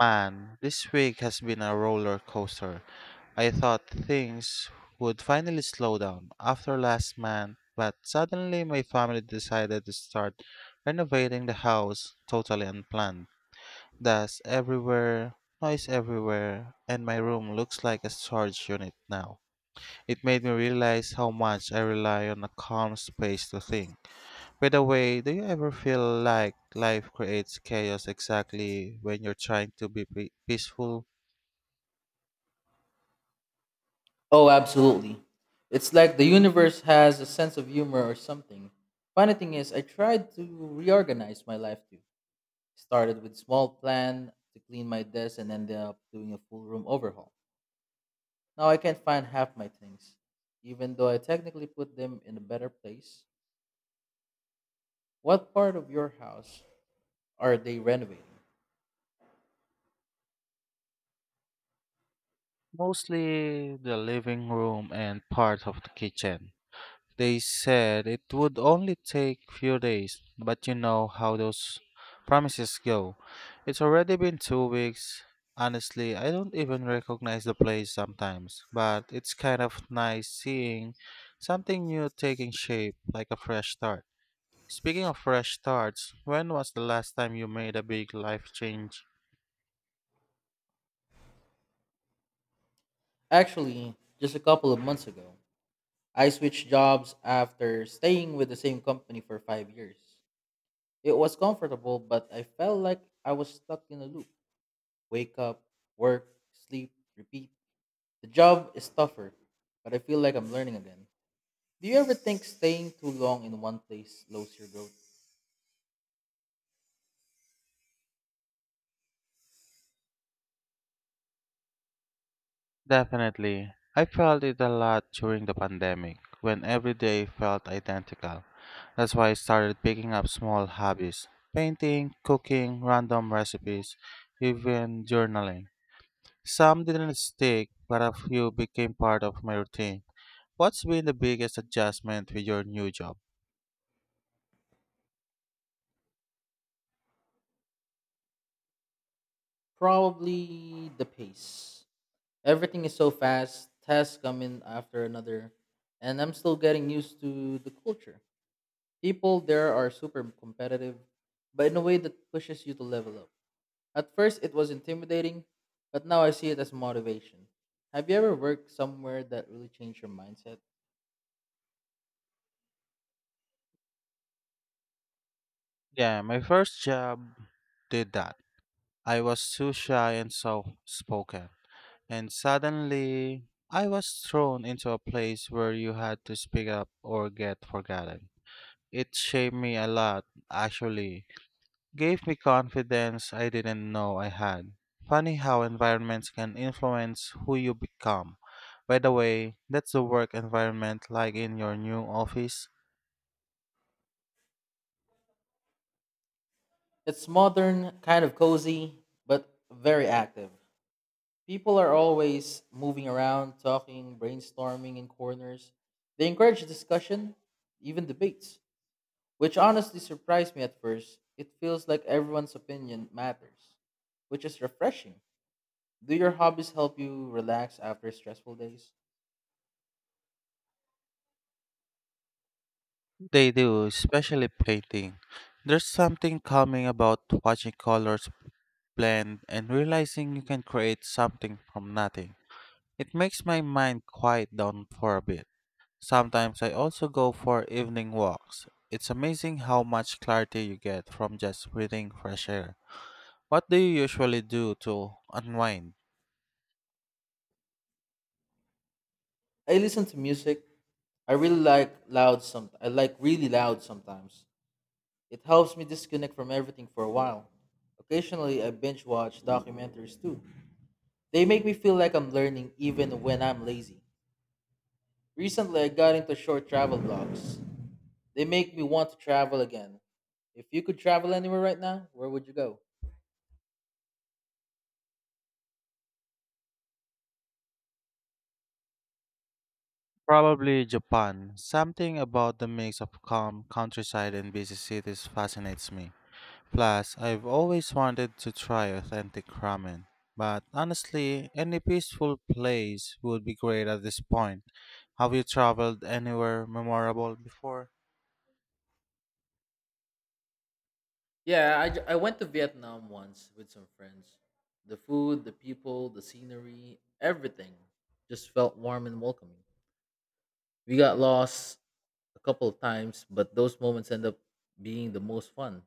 Man, this week has been a roller coaster. I thought things would finally slow down after last month, but suddenly my family decided to start renovating the house totally unplanned. Dust everywhere, noise everywhere, and my room looks like a storage unit now. It made me realize how much I rely on a calm space to think. By the way, do you ever feel like life creates chaos exactly when you're trying to be peaceful? Oh, absolutely. It's like the universe has a sense of humor or something. Funny thing is, I tried to reorganize my life too. Started with small plan to clean my desk and ended up doing a full room overhaul. Now I can't find half my things, even though I technically put them in a better place. What part of your house are they renovating? Mostly the living room and part of the kitchen. They said it would only take few days, but you know how those promises go. It's already been 2 weeks. Honestly, I don't even recognize the place sometimes, but it's kind of nice seeing something new taking shape like a fresh start. Speaking of fresh starts, when was the last time you made a big life change? Actually, just a couple of months ago, I switched jobs after staying with the same company for 5 years. It was comfortable, but I felt like I was stuck in a loop. Wake up, work, sleep, repeat. The job is tougher, but I feel like I'm learning again. Do you ever think staying too long in one place slows your growth? Definitely. I felt it a lot during the pandemic, when every day felt identical. That's why I started picking up small hobbies painting, cooking, random recipes, even journaling. Some didn't stick, but a few became part of my routine. What's been the biggest adjustment with your new job? Probably the pace. Everything is so fast, tasks come in after another, and I'm still getting used to the culture. People there are super competitive, but in a way that pushes you to level up. At first, it was intimidating, but now I see it as motivation. Have you ever worked somewhere that really changed your mindset? Yeah, my first job did that. I was too shy and soft spoken. And suddenly, I was thrown into a place where you had to speak up or get forgotten. It shaped me a lot, actually. Gave me confidence I didn't know I had. Funny how environments can influence who you become. By the way, that's the work environment like in your new office? It's modern, kind of cozy, but very active. People are always moving around, talking, brainstorming in corners. They encourage discussion, even debates, which honestly surprised me at first. It feels like everyone's opinion matters, which is refreshing. Do your hobbies help you relax after stressful days? They do, especially painting. There's something calming about watching colors blend and realizing you can create something from nothing. It makes my mind quiet down for a bit. Sometimes I also go for evening walks. It's amazing how much clarity you get from just breathing fresh air. What do you usually do to unwind? I listen to music, I like really loud sometimes. It helps me disconnect from everything for a while. Occasionally I binge watch documentaries too. They make me feel like I'm learning even when I'm lazy. Recently I got into short travel blogs. They make me want to travel again. If you could travel anywhere right now, where would you go? Probably Japan. Something about the mix of calm countryside and busy cities fascinates me. Plus, I've always wanted to try authentic ramen. But honestly, any peaceful place would be great at this point. Have you traveled anywhere memorable before? Yeah, I went to Vietnam once with some friends. The food, the people, the scenery, everything just felt warm and welcoming. We got lost a couple of times, but those moments end up being the most fun.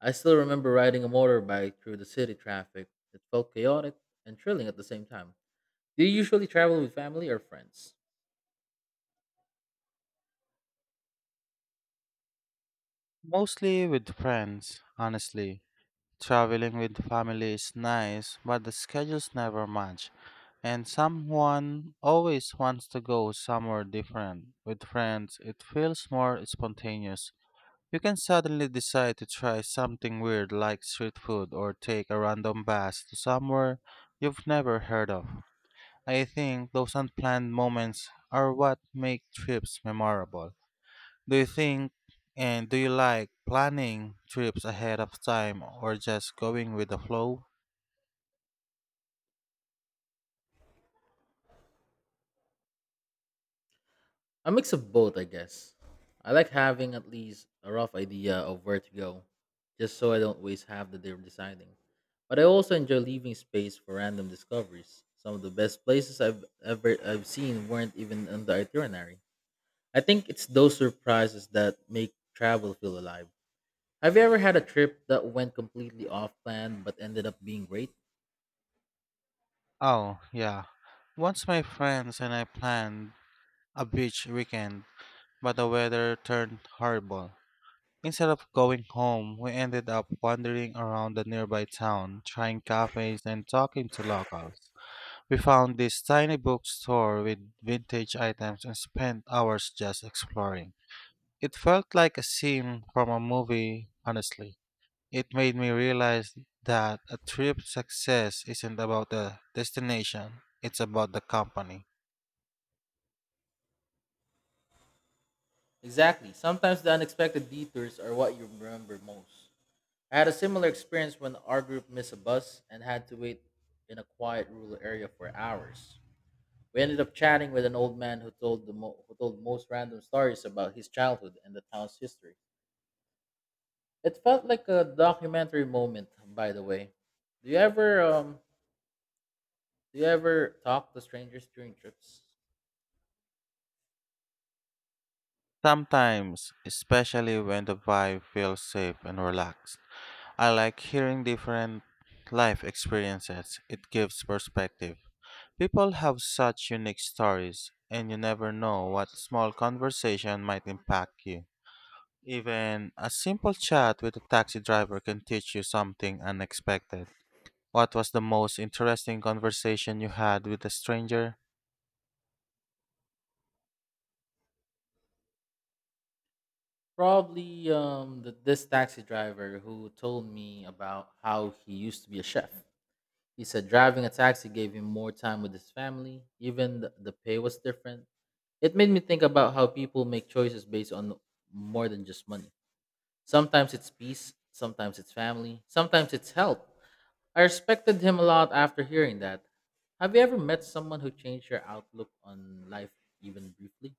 I still remember riding a motorbike through the city traffic. It felt chaotic and thrilling at the same time. Do you usually travel with family or friends? Mostly with friends, honestly. Traveling with family is nice, but the schedules never match. And someone always wants to go somewhere different. With friends, it feels more spontaneous. You can suddenly decide to try something weird like street food or take a random bus to somewhere you've never heard of. I think those unplanned moments are what make trips memorable. Do you think do you like planning trips ahead of time or just going with the flow? A mix of both, I guess. I like having at least a rough idea of where to go, just so I don't waste half the day deciding. But I also enjoy leaving space for random discoveries. Some of the best places I've seen weren't even on the itinerary. I think it's those surprises that make travel feel alive. Have you ever had a trip that went completely off plan but ended up being great? Oh, yeah. Once my friends and I planned a beach weekend, but the weather turned horrible. Instead of going home, we ended up wandering around the nearby town, trying cafes and talking to locals. We found this tiny bookstore with vintage items and spent hours just exploring. It felt like a scene from a movie, honestly. It made me realize that a trip success isn't about the destination, it's about the company. Exactly. Sometimes the unexpected detours are what you remember most. I had a similar experience when our group missed a bus and had to wait in a quiet rural area for hours. We ended up chatting with an old man who told most random stories about his childhood and the town's history. It felt like a documentary moment, by the way. Do you ever um, Do you ever talk to strangers during trips? Sometimes, especially when the vibe feels safe and relaxed, I like hearing different life experiences. It gives perspective. People have such unique stories, and you never know what small conversation might impact you. Even a simple chat with a taxi driver can teach you something unexpected. What was the most interesting conversation you had with a stranger? Probably this taxi driver who told me about how he used to be a chef. He said driving a taxi gave him more time with his family, even the pay was different. It made me think about how people make choices based on more than just money. Sometimes it's peace, sometimes it's family, sometimes it's health. I respected him a lot after hearing that. Have you ever met someone who changed your outlook on life even briefly?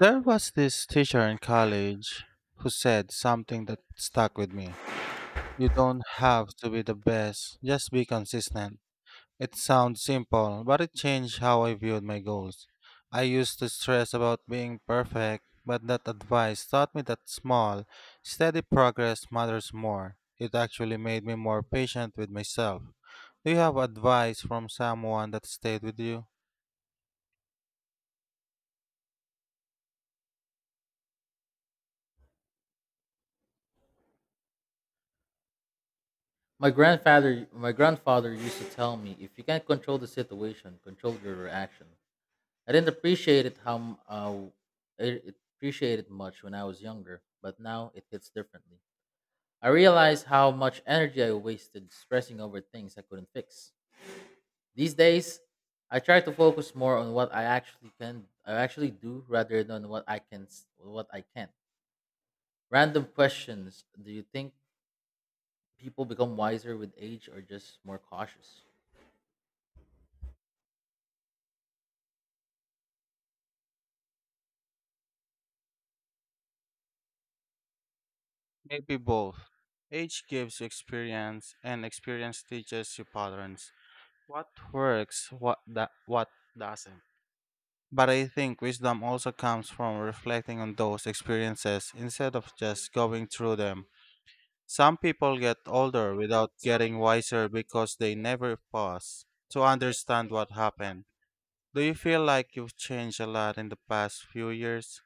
There was this teacher in college who said something that stuck with me. You don't have to be the best, just be consistent. It sounds simple, but it changed how I viewed my goals. I used to stress about being perfect, but that advice taught me that small, steady progress matters more. It actually made me more patient with myself. Do you have advice from someone that stayed with you? My grandfather used to tell me, if you can't control the situation, control your reaction. I didn't appreciate it how m- I- it appreciated much when I was younger, but now it hits differently. I realize how much energy I wasted stressing over things I couldn't fix. These days, I try to focus more on what I actually can, I actually do, rather than what I can't. Random questions: Do you think people become wiser with age, or just more cautious? Maybe both. Age gives you experience, and experience teaches you patterns. What works, what that, what doesn't. But I think wisdom also comes from reflecting on those experiences instead of just going through them. Some people get older without getting wiser because they never pause to understand what happened. Do you feel like you've changed a lot in the past few years?